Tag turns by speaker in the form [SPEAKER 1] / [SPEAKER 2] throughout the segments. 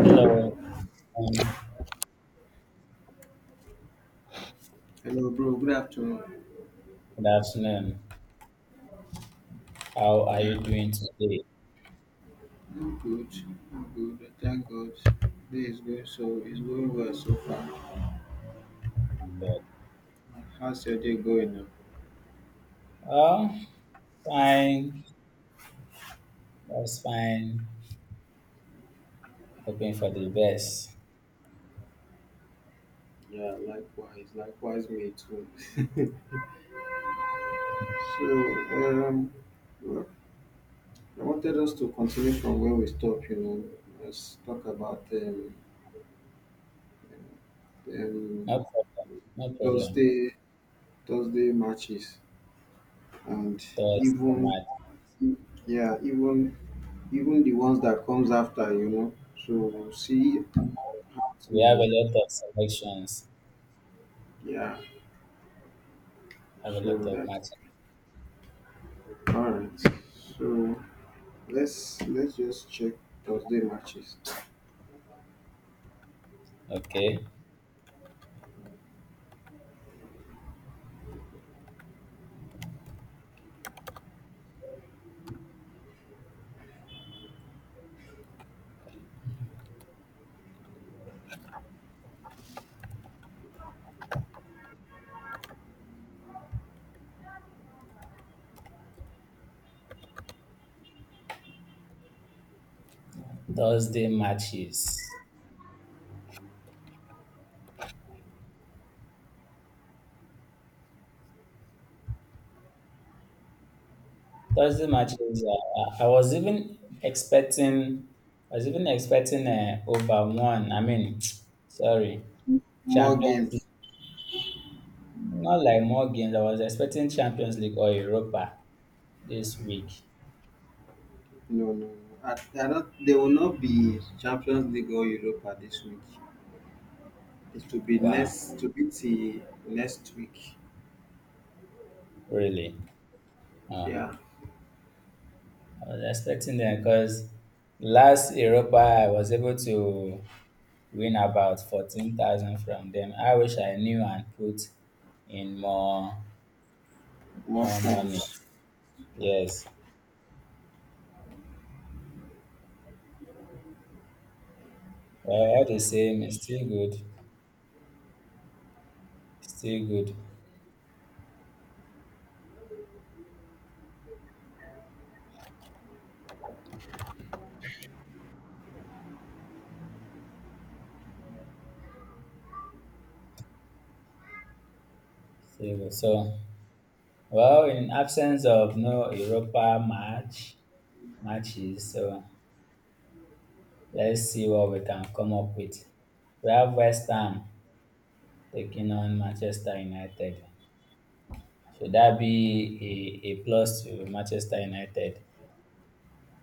[SPEAKER 1] Hello, um,
[SPEAKER 2] Hello, bro. Good afternoon.
[SPEAKER 1] good afternoon. How are
[SPEAKER 2] Yeah,
[SPEAKER 1] you doing today?
[SPEAKER 2] I'm good. I'm good. Thank God. Day is going so it's going well so far.
[SPEAKER 1] I'm good.
[SPEAKER 2] How's your day going now?
[SPEAKER 1] Oh, fine. That's fine. Hoping for the best.
[SPEAKER 2] Yeah, likewise. Likewise, me too. so, um, well, I wanted us to continue from where we stopped. You know, let's talk about um
[SPEAKER 1] No problem. No problem.
[SPEAKER 2] Thursday Thursday matches and
[SPEAKER 1] Thursday
[SPEAKER 2] even
[SPEAKER 1] match.
[SPEAKER 2] yeah even even the ones that comes after. You know, so we'll see. So
[SPEAKER 1] We have a lot of selections.
[SPEAKER 2] yeah,
[SPEAKER 1] We have a lot
[SPEAKER 2] so
[SPEAKER 1] of
[SPEAKER 2] that's
[SPEAKER 1] matches.
[SPEAKER 2] all right. So let's just check Thursday matches.
[SPEAKER 1] Okay. Thursday matches. Thursday matches. I was even expecting. I was even expecting over one. I mean, sorry,
[SPEAKER 2] More
[SPEAKER 1] Champions
[SPEAKER 2] games.
[SPEAKER 1] not like more games. I was expecting Champions League or Europa this week.
[SPEAKER 2] No, no, no. I don't, there will not be Champions League or Europa this week. It will be
[SPEAKER 1] Wow,
[SPEAKER 2] next to be till next week.
[SPEAKER 1] really? Uh,
[SPEAKER 2] Yeah,
[SPEAKER 1] I was expecting them because last Europa I was able to win about 14,000 from them. I wish I knew and put in more
[SPEAKER 2] more
[SPEAKER 1] more money.
[SPEAKER 2] forms.
[SPEAKER 1] Yes, well, all the same, it's still good, still good, still good. So, well, in absence of no Europa matches, so. Let's see what we can come up with. We have West Ham taking on Manchester United. Should that be a plus to Manchester United?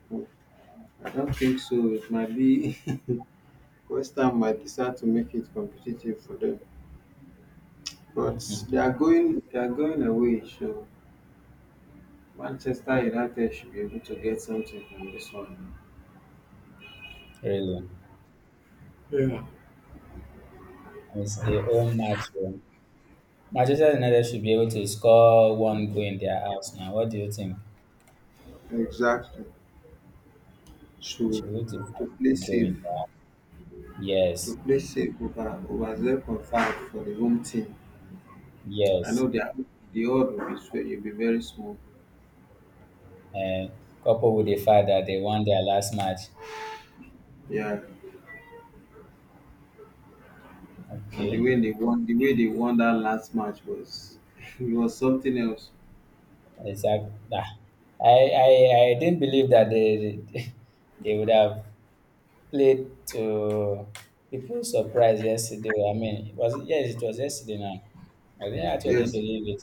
[SPEAKER 2] Hmm, I don't think so. It might be West Ham might decide to make it competitive for them, but they are going away. So Manchester United should be able to get something from this one.
[SPEAKER 1] Really?
[SPEAKER 2] Yeah.
[SPEAKER 1] It's the home match. Oh. Manchester United should be able to score one goal in their house now. What do you think?
[SPEAKER 2] Exactly. So
[SPEAKER 1] Should we do
[SPEAKER 2] to play
[SPEAKER 1] a goal
[SPEAKER 2] safe,
[SPEAKER 1] in their house?
[SPEAKER 2] to
[SPEAKER 1] Yes,
[SPEAKER 2] play safe over over 0.5 for the home team. I
[SPEAKER 1] yes.
[SPEAKER 2] know the odd will be will be very small.
[SPEAKER 1] Uh, coupled with the fact that they won their last match.
[SPEAKER 2] Yeah, and
[SPEAKER 1] Okay.
[SPEAKER 2] the way they won, the way they won that last match was it was something else.
[SPEAKER 1] Exactly. Nah. I, I I didn't believe that they they would have played to people's surprise yesterday. I mean, it was, yes, it was yesterday now. I didn't actually
[SPEAKER 2] Yes.
[SPEAKER 1] believe it.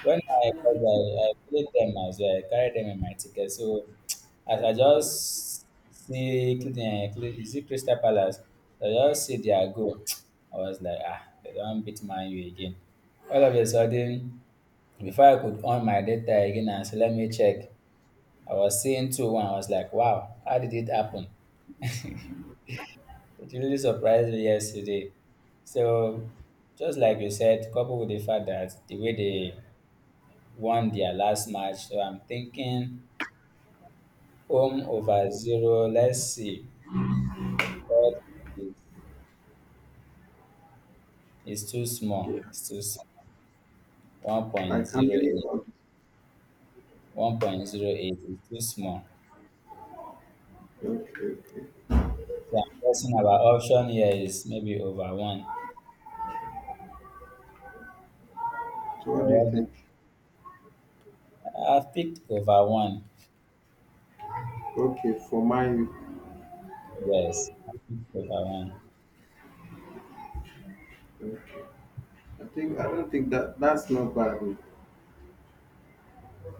[SPEAKER 1] When I got there, I played them as well. I carried them in my ticket. So as I just see is it Crystal Palace, I just see their goal. I was like, ah, they don't beat Man U again. All of a sudden, before I could on my data again and say, let me check, I was seeing 2-1. I was like, wow, how did it happen? It really surprised me yesterday. So, just like you said, coupled with the fact that the way they won their last match, so I'm thinking home over zero, let's see. But it's, it's too
[SPEAKER 2] Yeah.
[SPEAKER 1] small. It's too small.
[SPEAKER 2] Like how many
[SPEAKER 1] 1.08.
[SPEAKER 2] odds?
[SPEAKER 1] 1.08 is too small.
[SPEAKER 2] Okay, okay.
[SPEAKER 1] So I'm guessing our option here is maybe over one.
[SPEAKER 2] So what do you
[SPEAKER 1] Or what
[SPEAKER 2] think?
[SPEAKER 1] I've picked over one.
[SPEAKER 2] Okay, for my
[SPEAKER 1] Yes, I've picked over one.
[SPEAKER 2] okay. I think I don't think that that's not bad.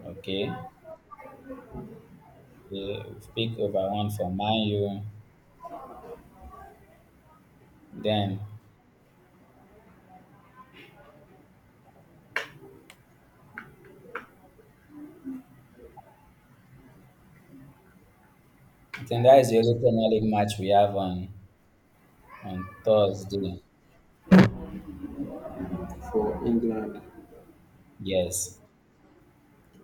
[SPEAKER 1] Okay. Okay, we've picked over one for Man U. Then I think that is the only Premier League match we have on Thursday.
[SPEAKER 2] For England.
[SPEAKER 1] Yes,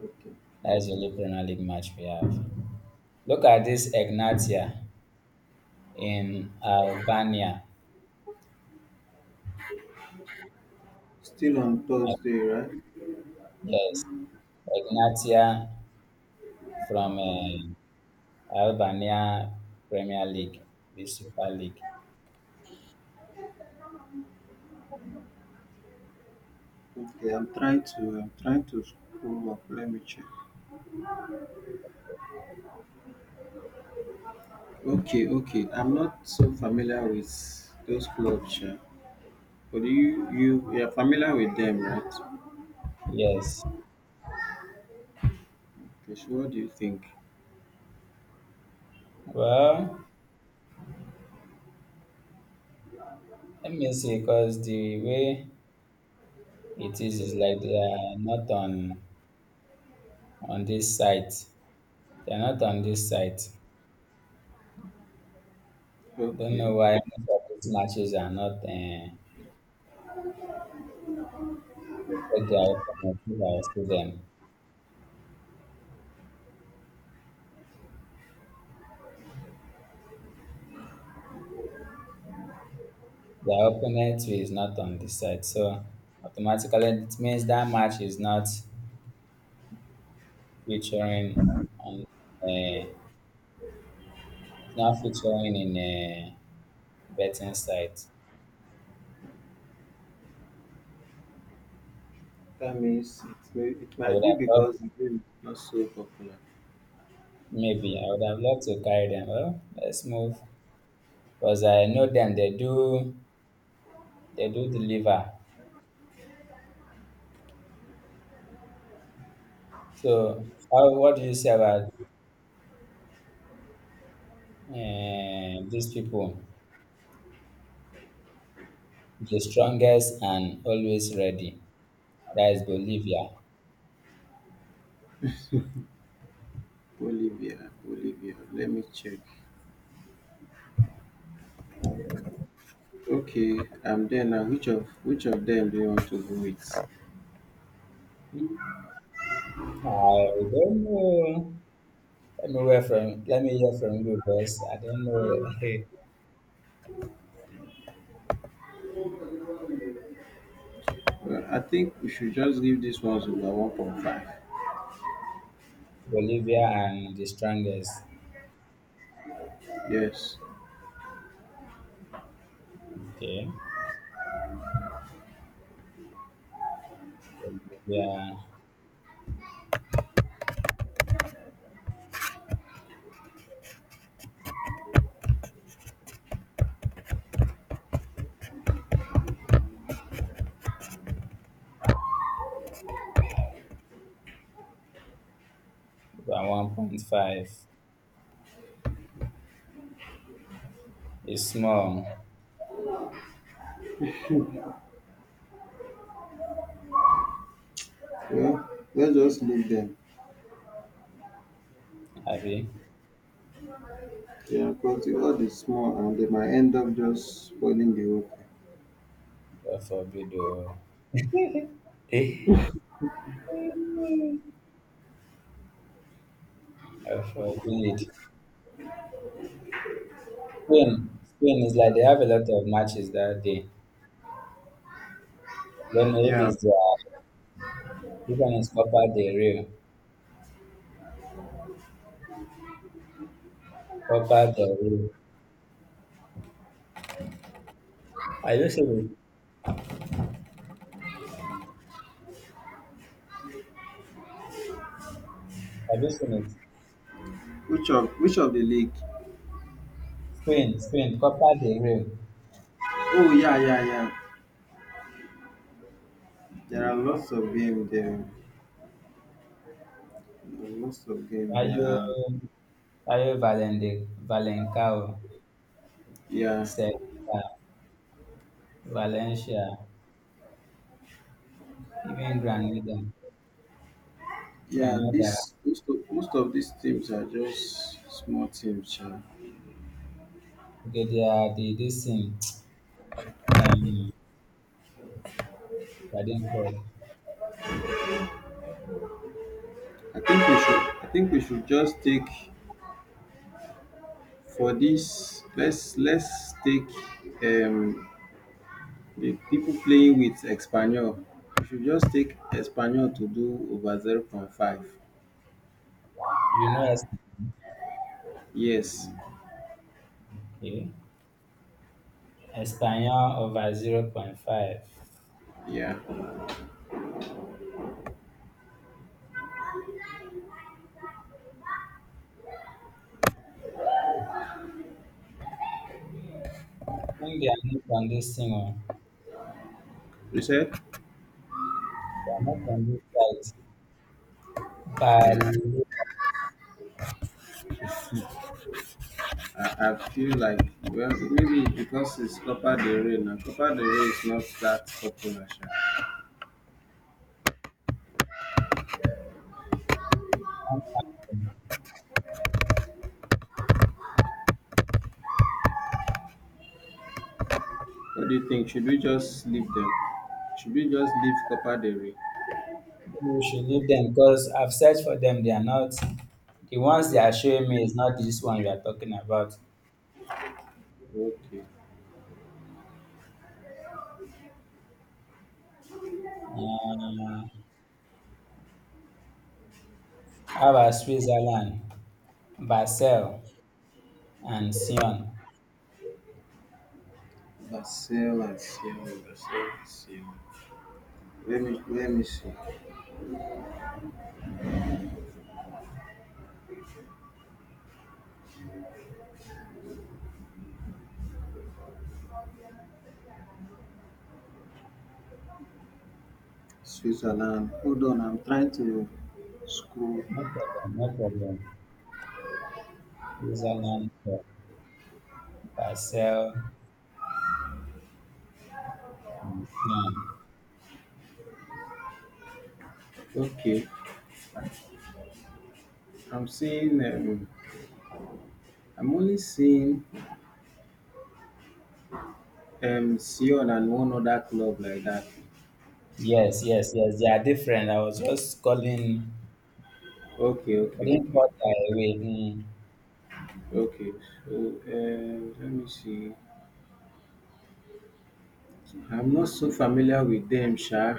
[SPEAKER 2] Okay.
[SPEAKER 1] that is the only Premier League match we have. Look at this Ignatia in Albania.
[SPEAKER 2] Still on
[SPEAKER 1] Uh,
[SPEAKER 2] Thursday, right?
[SPEAKER 1] Yes, Ignatia from Albania Premier League, the Super League.
[SPEAKER 2] Okay, I'm trying to scroll up. Let me check. Okay, okay. I'm not so familiar with those clubs, yeah. But you are familiar with them, right?
[SPEAKER 1] Yes.
[SPEAKER 2] Okay, so what do you think?
[SPEAKER 1] Well, let me see, because the way it is like they are not on this site. They are not on this site. Don't
[SPEAKER 2] Okay,
[SPEAKER 1] know why
[SPEAKER 2] okay.
[SPEAKER 1] most of these matches are not. Their opponent, if I see them, their opponent is not on this site. So automatically, it means that match is not featuring on. Uh, it's not featuring in a betting site.
[SPEAKER 2] That means it may it
[SPEAKER 1] I
[SPEAKER 2] might
[SPEAKER 1] would
[SPEAKER 2] be
[SPEAKER 1] have loved
[SPEAKER 2] because the game is not so popular.
[SPEAKER 1] maybe I would have loved to carry them. Well, let's move because I know them. They do deliver. So how, what do you say about uh, these people? The strongest and always ready. That is Bolivia.
[SPEAKER 2] Bolivia, Bolivia. Let me check. Okay, I'm there now. Which of them do you want to go with?
[SPEAKER 1] I don't know. Let me hear from you, boss. I don't know.
[SPEAKER 2] Well, I think we should just give these ones over 1.5.
[SPEAKER 1] Bolivia and the strongest.
[SPEAKER 2] Yes.
[SPEAKER 1] Okay, Bolivia by 1.5. It's small,
[SPEAKER 2] Well, let's just leave them.
[SPEAKER 1] Abi.
[SPEAKER 2] Yeah, because the world is small and they might end up just spoiling the whole thing.
[SPEAKER 1] God forbid, oh. Eh, God forbid. Spain, Spain is like they have a lot of matches that day. Don't know if
[SPEAKER 2] Yeah.
[SPEAKER 1] it's which one, Copa del Rey. Copa del Rey. Have you seen it? Have you seen it?
[SPEAKER 2] Which of the league?
[SPEAKER 1] Spain, Spain, Copa del Rey.
[SPEAKER 2] Oh yeah, yeah, yeah. There are lots of games there. There are lots of games
[SPEAKER 1] Are
[SPEAKER 2] there. And
[SPEAKER 1] you are you Valente, Valencao,
[SPEAKER 2] yeah,
[SPEAKER 1] Sevilla, Valencia, even Granada,
[SPEAKER 2] yeah.
[SPEAKER 1] Granada.
[SPEAKER 2] Most of these teams are just small teams. Yeah.
[SPEAKER 1] Okay, they are the this thing. Um, what they called.
[SPEAKER 2] I think we should just take. For this, let's take um, the people playing with Espanol. You should just take Espanol to do over zero point 0.5.
[SPEAKER 1] You know,
[SPEAKER 2] Yes.
[SPEAKER 1] okay, Espanyol over 0.5.
[SPEAKER 2] Yeah.
[SPEAKER 1] When they are not on this thing, oh,
[SPEAKER 2] You said?
[SPEAKER 1] they are not on this site,
[SPEAKER 2] Yeah.
[SPEAKER 1] Bali,
[SPEAKER 2] I feel like, well, maybe because it's Copa del Rey now. Copa del Rey is not that popular, sha. What do you think? Should we just leave them? Should we just leave Copa del Rey?
[SPEAKER 1] we should leave them because I've searched for them. They are not, the ones they are showing me is not this one we are talking about.
[SPEAKER 2] Okay.
[SPEAKER 1] Uh, how about Switzerland, Basel, and Sion?
[SPEAKER 2] Barcelona, Barcelona, Barcelona. Let me see. Switzerland. Hold on, I'm trying to scroll.
[SPEAKER 1] No problem, no problem. Switzerland, Basel, and Sion.
[SPEAKER 2] Okay, I'm seeing. I'm only seeing Sion and one other club like that.
[SPEAKER 1] Yes, yes, yes. They are different. I was just calling.
[SPEAKER 2] Okay,
[SPEAKER 1] I didn't call that away.
[SPEAKER 2] okay. So let me see. I'm not so familiar with them, sha.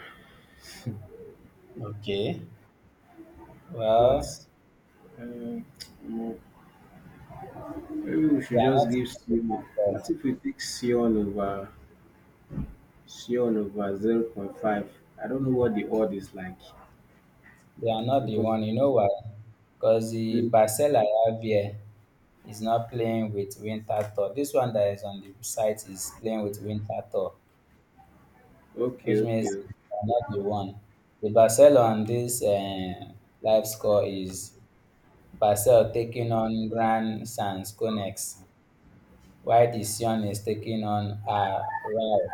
[SPEAKER 1] Hmm. Okay.
[SPEAKER 2] But
[SPEAKER 1] Well,
[SPEAKER 2] uh, mm, maybe we
[SPEAKER 1] they
[SPEAKER 2] should
[SPEAKER 1] are
[SPEAKER 2] just give
[SPEAKER 1] not the
[SPEAKER 2] Sion.
[SPEAKER 1] one
[SPEAKER 2] What
[SPEAKER 1] myself.
[SPEAKER 2] if we take Sion over 0.5? I don't know what the odd is like
[SPEAKER 1] They are not the
[SPEAKER 2] because.
[SPEAKER 1] one. You know why? Because the
[SPEAKER 2] Okay,
[SPEAKER 1] parcel I have here is not playing with winter tour. This one that is on the site is playing with winter tour, which means
[SPEAKER 2] okay.
[SPEAKER 1] they are not the one. The parcel on this live score is parcel taking on Grand Sans Conex, while the Sion is taking on Rao.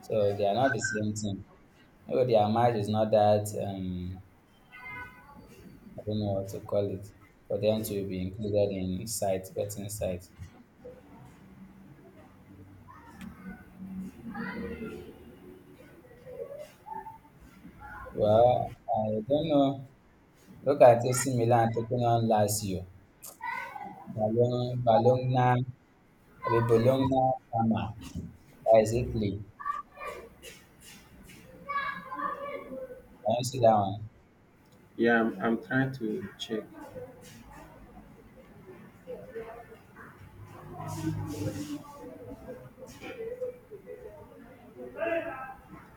[SPEAKER 1] So they are not the same thing. Maybe their match is not that. I don't know what to call it, for them to be included in sight, betting sight. Well, I don't know. Look at AC Milan taking on Lazio. Bologna, Bologna, maybe Bologna, Parma. That is Italy. Can you see that one?
[SPEAKER 2] Yeah, I'm trying to check.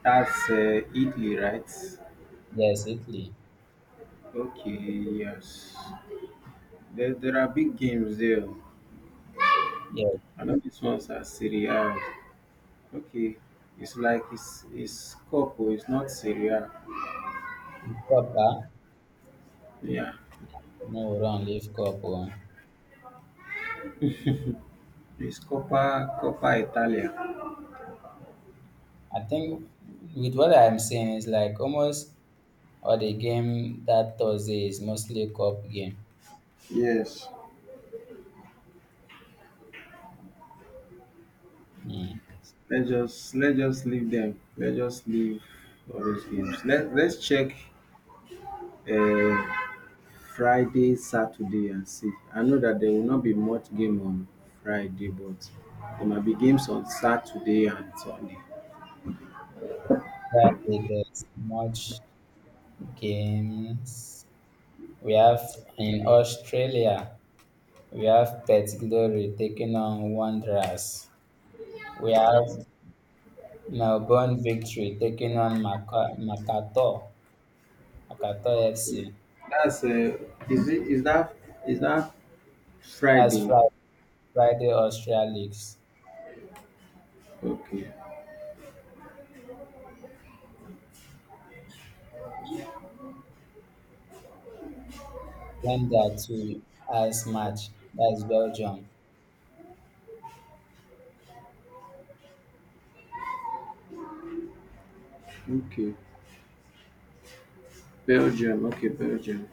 [SPEAKER 2] That's Italy, right?
[SPEAKER 1] Yes, Italy.
[SPEAKER 2] Okay, yes. There are big games there.
[SPEAKER 1] Yes,
[SPEAKER 2] I know this one's are Serie A. Okay, it's Coppa, it's not Serie A.
[SPEAKER 1] cup, ah?
[SPEAKER 2] Yeah,
[SPEAKER 1] No, wrong, leave cup. Oh.
[SPEAKER 2] it's Coppa Italia.
[SPEAKER 1] I think with what I'm saying, it's like almost all the game that Thursday is mostly cup game.
[SPEAKER 2] Yes.
[SPEAKER 1] Mm.
[SPEAKER 2] Let's just leave them. Let's just leave all those games. Let's check. Uh, Friday, Saturday, and see. I know that there will not be much game on Friday, but there might be games on Saturday and Sunday.
[SPEAKER 1] Friday, there's much games. We have in Australia, we have Perth Glory taking on Wanderers. We have Melbourne Victory taking on Makato FC.
[SPEAKER 2] That's is it is that
[SPEAKER 1] That's
[SPEAKER 2] Friday?
[SPEAKER 1] Friday Australia Leagues.
[SPEAKER 2] Okay,
[SPEAKER 1] Then there are two as match. That's Belgium.
[SPEAKER 2] okay. Belgium, okay, Belgium.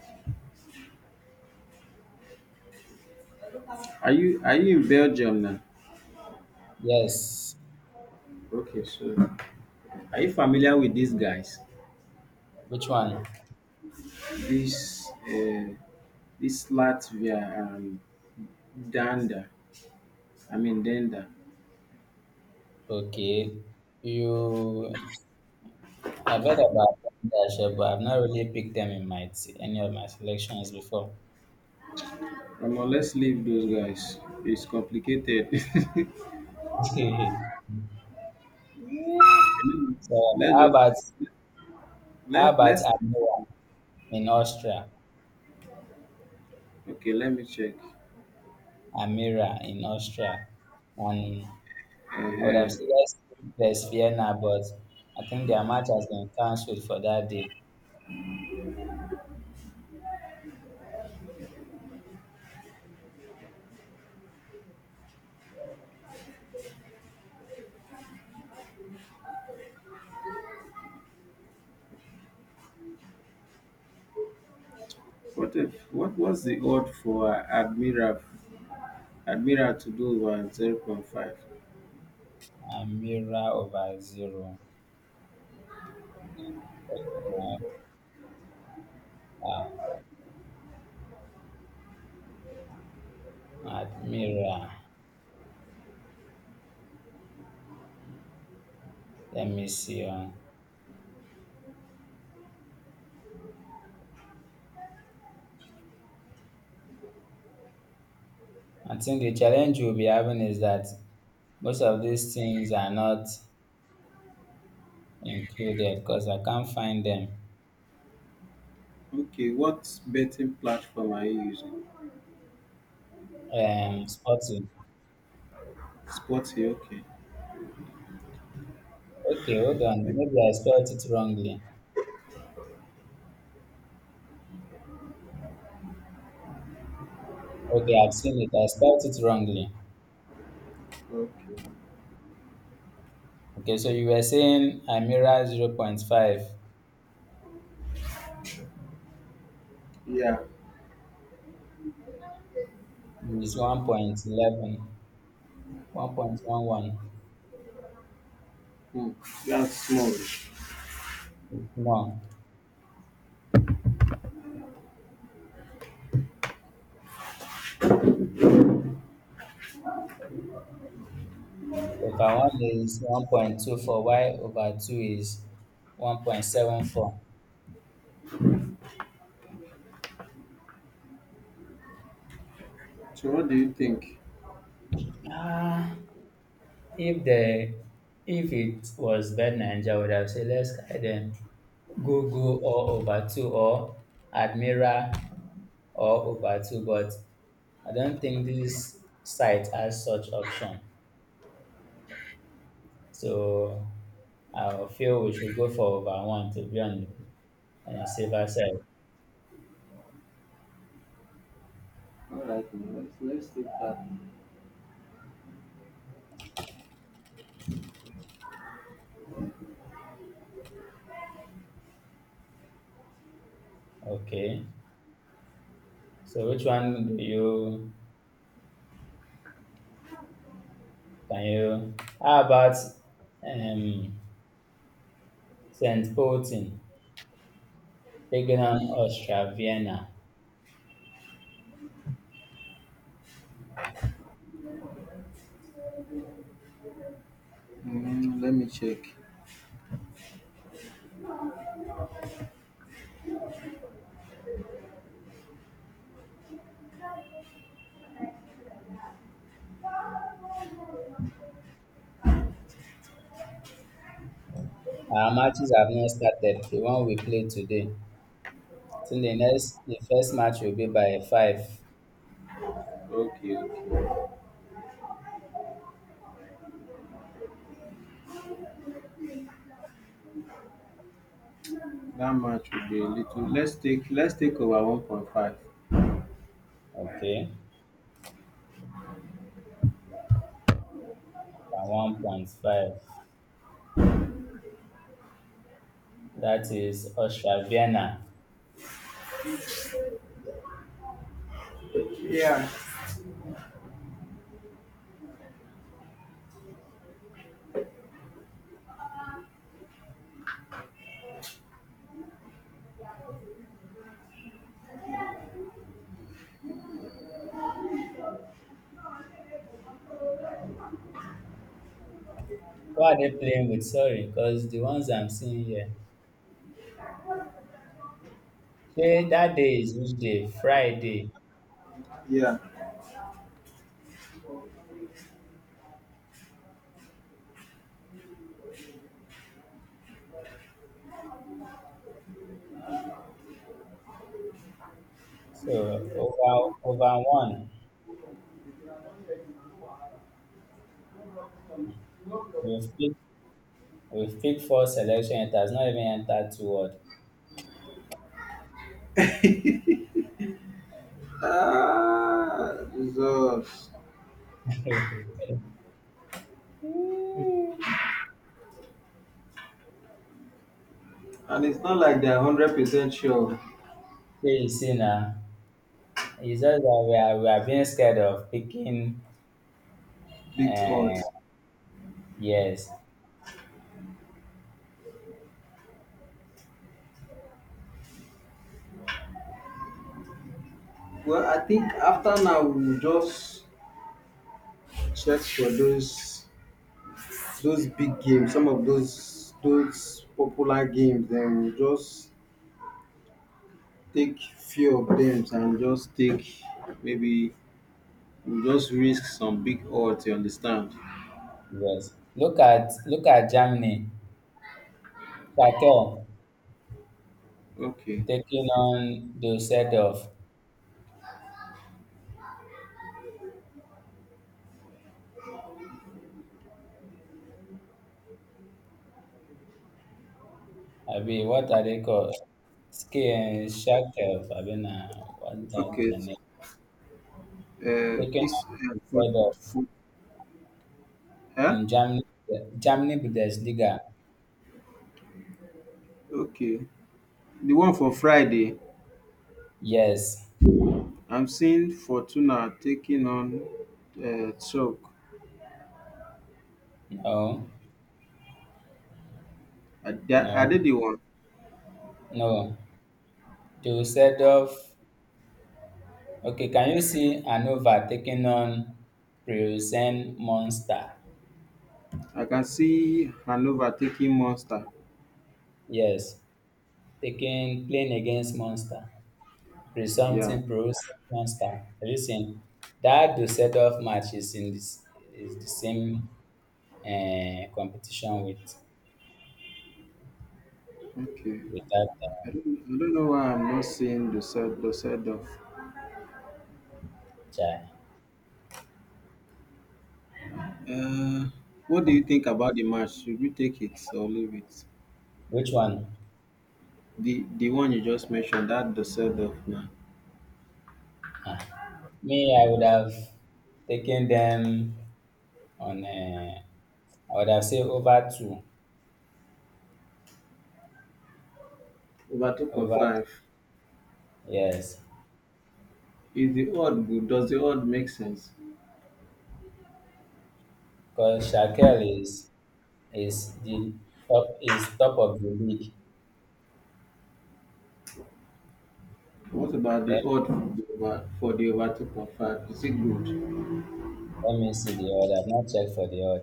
[SPEAKER 2] Are you in Belgium now?
[SPEAKER 1] Yes.
[SPEAKER 2] Okay, so are you familiar with these guys?
[SPEAKER 1] Which one?
[SPEAKER 2] This this Latvia and Danda. I mean Danda.
[SPEAKER 1] Okay. You I've heard about them, but I've not really picked them in any of my selections before.
[SPEAKER 2] Omo, let's leave those guys. It's complicated.
[SPEAKER 1] So how
[SPEAKER 2] let's just
[SPEAKER 1] about how
[SPEAKER 2] let
[SPEAKER 1] about
[SPEAKER 2] let's
[SPEAKER 1] Amira in Austria?
[SPEAKER 2] okay. Let me check.
[SPEAKER 1] Amira in Austria, and I would have said
[SPEAKER 2] uh
[SPEAKER 1] let's Vienna, but I think their match has been cancelled for that day.
[SPEAKER 2] What if, what was the odd for Admiral to do over 0.5?
[SPEAKER 1] Amira over zero. Uh, Admira. Let me see. I think the challenge we'll be having is that most of these things are not included because I can't find them.
[SPEAKER 2] Okay, what betting platform are you using?
[SPEAKER 1] Sporting.
[SPEAKER 2] Sporty. Okay.
[SPEAKER 1] Okay, hold on. Maybe I spelled it wrongly. Okay, I've seen it. I spelled it wrongly.
[SPEAKER 2] Okay.
[SPEAKER 1] Okay, so you were saying Amira zero point 0.5
[SPEAKER 2] Yeah.
[SPEAKER 1] is 1.11, 1.11.
[SPEAKER 2] Hmm. That's small.
[SPEAKER 1] No, if I want is 1.24, y over 2 is 1.74.
[SPEAKER 2] So what do you think?
[SPEAKER 1] Ah, if the if it was bad Niger, I would have said let's either go or over 2 or Admira or over 2, but I don't think this site has such option. So I feel we should go for over one to be on the safer side.
[SPEAKER 2] All right, now, let's take that.
[SPEAKER 1] Okay. So which one do you can you? How about um Saint Poulton taking on Austria Vienna?
[SPEAKER 2] Mm, let me check.
[SPEAKER 1] Our matches have not started. The one we played today. So the next, the first match will be by five.
[SPEAKER 2] Okay. Okay. That match would be a little. Let's take over 1.5.
[SPEAKER 1] Okay, by 1.5. That is Austria Vienna.
[SPEAKER 2] Yeah.
[SPEAKER 1] Who are they playing with? Sorry, because the ones I'm seeing here, say that day is which day? Friday.
[SPEAKER 2] Yeah.
[SPEAKER 1] So over one. We've picked we've picked four selection. It has not even entered two word.
[SPEAKER 2] Ah, Jesus.
[SPEAKER 1] So
[SPEAKER 2] And it's not like they're 100% sure.
[SPEAKER 1] you see now, it's just that we are being scared of picking.
[SPEAKER 2] Big odds.
[SPEAKER 1] Uh, yes,
[SPEAKER 2] Well, I think after now we'll just check for those big games. Some of those popular games. Then we'll just take few of them and just take maybe we'll just risk some big odds. You understand?
[SPEAKER 1] yes. Look at Germany. Shakel
[SPEAKER 2] Okay.
[SPEAKER 1] taking on the set of, I mean, what are they called? Ski and Shakel. I mean, what that
[SPEAKER 2] Okay.
[SPEAKER 1] their name? Taking
[SPEAKER 2] This
[SPEAKER 1] on the set
[SPEAKER 2] for
[SPEAKER 1] of.
[SPEAKER 2] huh?
[SPEAKER 1] In Germany, Bundesliga,
[SPEAKER 2] Okay, the one for Friday,
[SPEAKER 1] yes,
[SPEAKER 2] I'm seeing Fortuna taking on Chalk.
[SPEAKER 1] no,
[SPEAKER 2] I they are
[SPEAKER 1] no,
[SPEAKER 2] they the one.
[SPEAKER 1] no. Dusseldorf, okay, can you see Anova taking on Pilsen Monster?
[SPEAKER 2] I can see Hanover taking Monster.
[SPEAKER 1] Yes, taking, playing against Monster.
[SPEAKER 2] Yeah,
[SPEAKER 1] Presumpting Pilsen Monster. Have you seen? That Dusseldorf match is in this, is the same competition with,
[SPEAKER 2] okay.
[SPEAKER 1] with that
[SPEAKER 2] I don't know why I'm not seeing the set off.
[SPEAKER 1] guy.
[SPEAKER 2] uh what do you think about the match? Should we take it or leave it?
[SPEAKER 1] Which one?
[SPEAKER 2] The one you just mentioned that the set off now
[SPEAKER 1] Me, I would have taken them on I would have said over two,
[SPEAKER 2] over
[SPEAKER 1] over,
[SPEAKER 2] 2.5.
[SPEAKER 1] yes,
[SPEAKER 2] Is the odd good? Does the odd make sense?
[SPEAKER 1] because Shakel is the top is top of the league.
[SPEAKER 2] What about the
[SPEAKER 1] Let,
[SPEAKER 2] odd for the over 2.5? Is it good?
[SPEAKER 1] let me see the odd. I've not checked for the odd.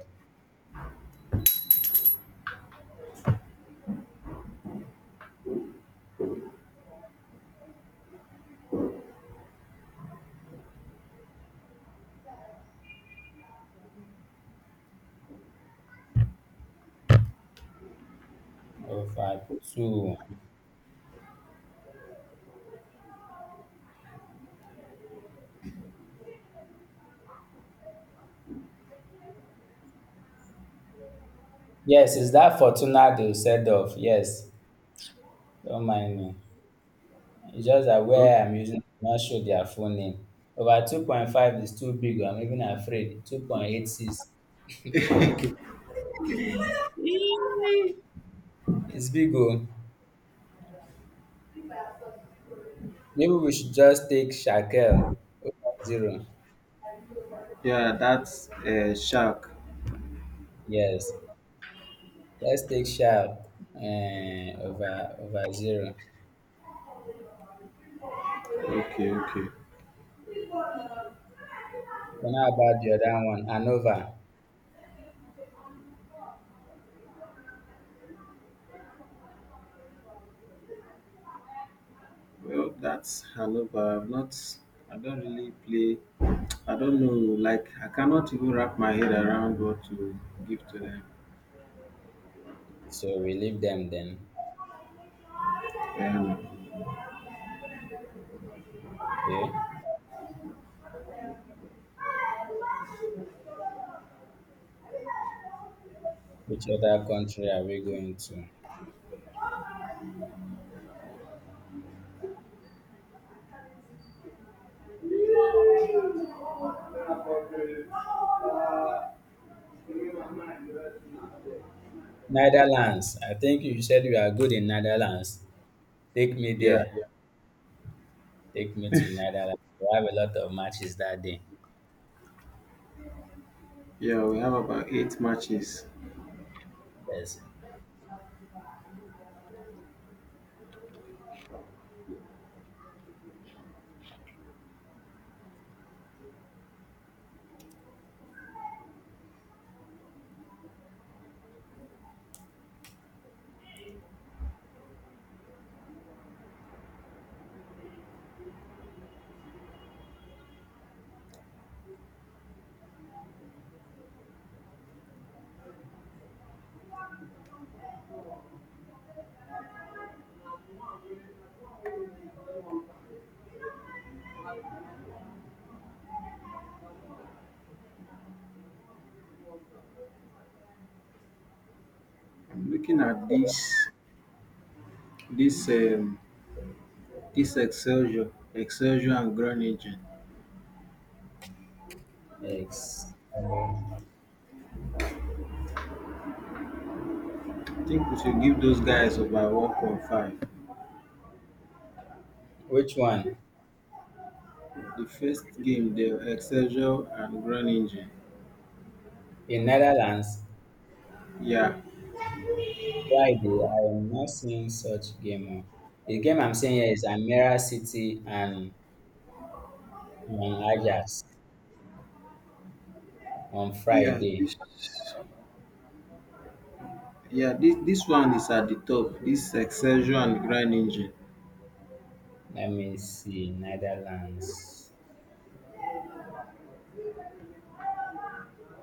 [SPEAKER 1] Over two. Yes, is that Fortuna they said of. Yes, don't mind me. It's just that
[SPEAKER 2] Oh.
[SPEAKER 1] where I'm using not show their full name. Over 2.5 is too big. I'm even afraid. 2.86. It's big. Oh. Maybe we should just take Shakel over zero.
[SPEAKER 2] Yeah, that's Shark.
[SPEAKER 1] Yes, let's take sharp over zero.
[SPEAKER 2] Okay, okay.
[SPEAKER 1] Then how about the other one, Anova?
[SPEAKER 2] Well, that's Hanover. I don't really play. I don't know, like, I cannot even wrap my head around what to give to them.
[SPEAKER 1] So we leave them then.
[SPEAKER 2] Um,
[SPEAKER 1] Okay. Which other country are we going to? Netherlands. I think you said you are good in Netherlands. Take me
[SPEAKER 2] yeah,
[SPEAKER 1] there.
[SPEAKER 2] yeah,
[SPEAKER 1] Take me to Netherlands. We have a lot of matches that day.
[SPEAKER 2] yeah. We have about eight matches.
[SPEAKER 1] Yes.
[SPEAKER 2] I'm looking at this, um, this Excelsior, Excelsior, and Groningen.
[SPEAKER 1] Yes.
[SPEAKER 2] I think we should give those guys over 1.5.
[SPEAKER 1] Which one?
[SPEAKER 2] The first game they were Excelsior and Groningen.
[SPEAKER 1] In Netherlands,
[SPEAKER 2] Yeah.
[SPEAKER 1] Friday. I am not seeing such game. Oh. The game I'm seeing here is Amira City and on Ajax on
[SPEAKER 2] Yeah.
[SPEAKER 1] Friday.
[SPEAKER 2] This this one is at the top. This Excelsior and Groningen.
[SPEAKER 1] Let me see Netherlands.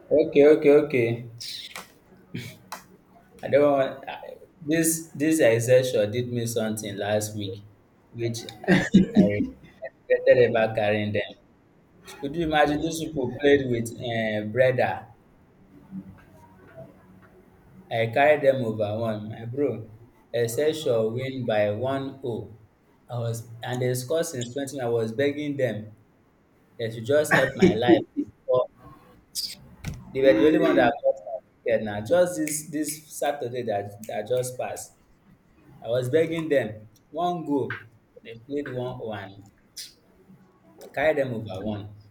[SPEAKER 1] Okay, okay, okay. I don't want this. This exception did me something last week, which I regretted about carrying them. Could you imagine those people played with Breda? I carried them over one, my bro. Excelsior win by 1-0. I was and they scored since 20. I was begging them. They should just help my life. They were the only one
[SPEAKER 2] Hey.
[SPEAKER 1] that got ticket now. Just this Saturday that just passed, I was begging them one goal. They played 1-1, carry them over one.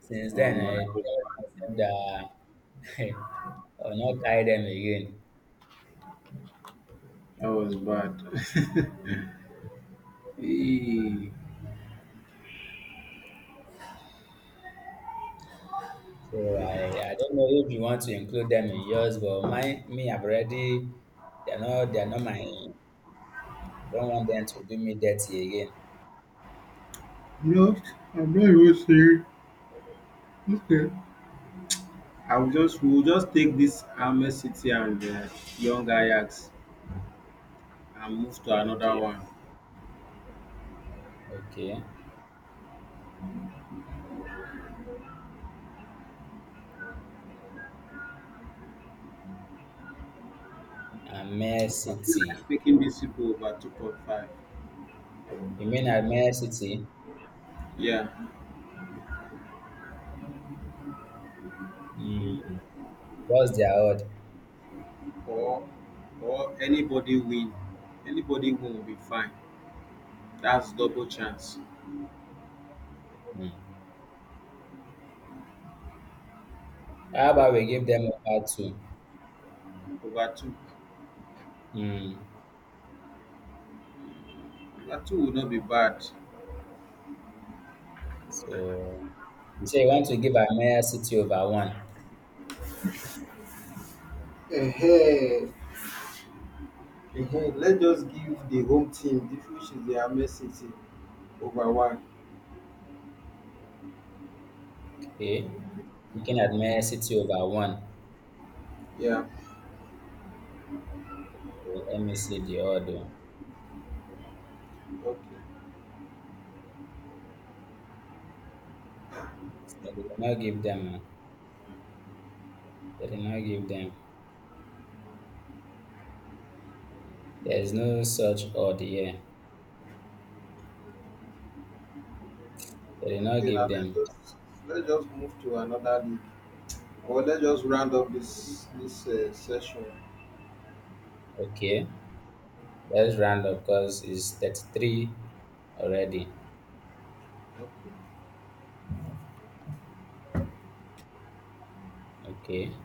[SPEAKER 1] Since then, I
[SPEAKER 2] That was
[SPEAKER 1] promised
[SPEAKER 2] bad.
[SPEAKER 1] myself that I will not carry them again.
[SPEAKER 2] That was bad. hey.
[SPEAKER 1] So I don't know if you want to include them in yours, but my me, I've already, they're not my, I don't want them to do me dirty again.
[SPEAKER 2] No, I'm not even serious. Okay. I'll just we'll just take this Ames City and Young Ajax and move to another
[SPEAKER 1] Okay,
[SPEAKER 2] one.
[SPEAKER 1] okay. Amir
[SPEAKER 2] I feel
[SPEAKER 1] City.
[SPEAKER 2] like taking these people over 2.5.
[SPEAKER 1] You mean Amir City?
[SPEAKER 2] Yeah,
[SPEAKER 1] Hmm. What's their odd?
[SPEAKER 2] or or anybody win, anybody win will be fine. That's double chance.
[SPEAKER 1] Mm. How about we give them over two?
[SPEAKER 2] Over two.
[SPEAKER 1] Mm.
[SPEAKER 2] Over two will not be bad.
[SPEAKER 1] So you say you want to give Admire City over one.
[SPEAKER 2] Uh-huh. Uh-huh. Let's just give the home team, this which is the Ahmed City, over one.
[SPEAKER 1] Okay. You can Admire City over one.
[SPEAKER 2] Yeah.
[SPEAKER 1] Okay, let me see the order.
[SPEAKER 2] Okay.
[SPEAKER 1] So they did not give them. Ah. They did not give them. There is no such order here. They did not
[SPEAKER 2] Okay. Now
[SPEAKER 1] give
[SPEAKER 2] let's
[SPEAKER 1] them.
[SPEAKER 2] just let's just move to another league, or let's just round up this this session.
[SPEAKER 1] Okay. Let's round up because it's 33 already.
[SPEAKER 2] Okay.
[SPEAKER 1] Okay.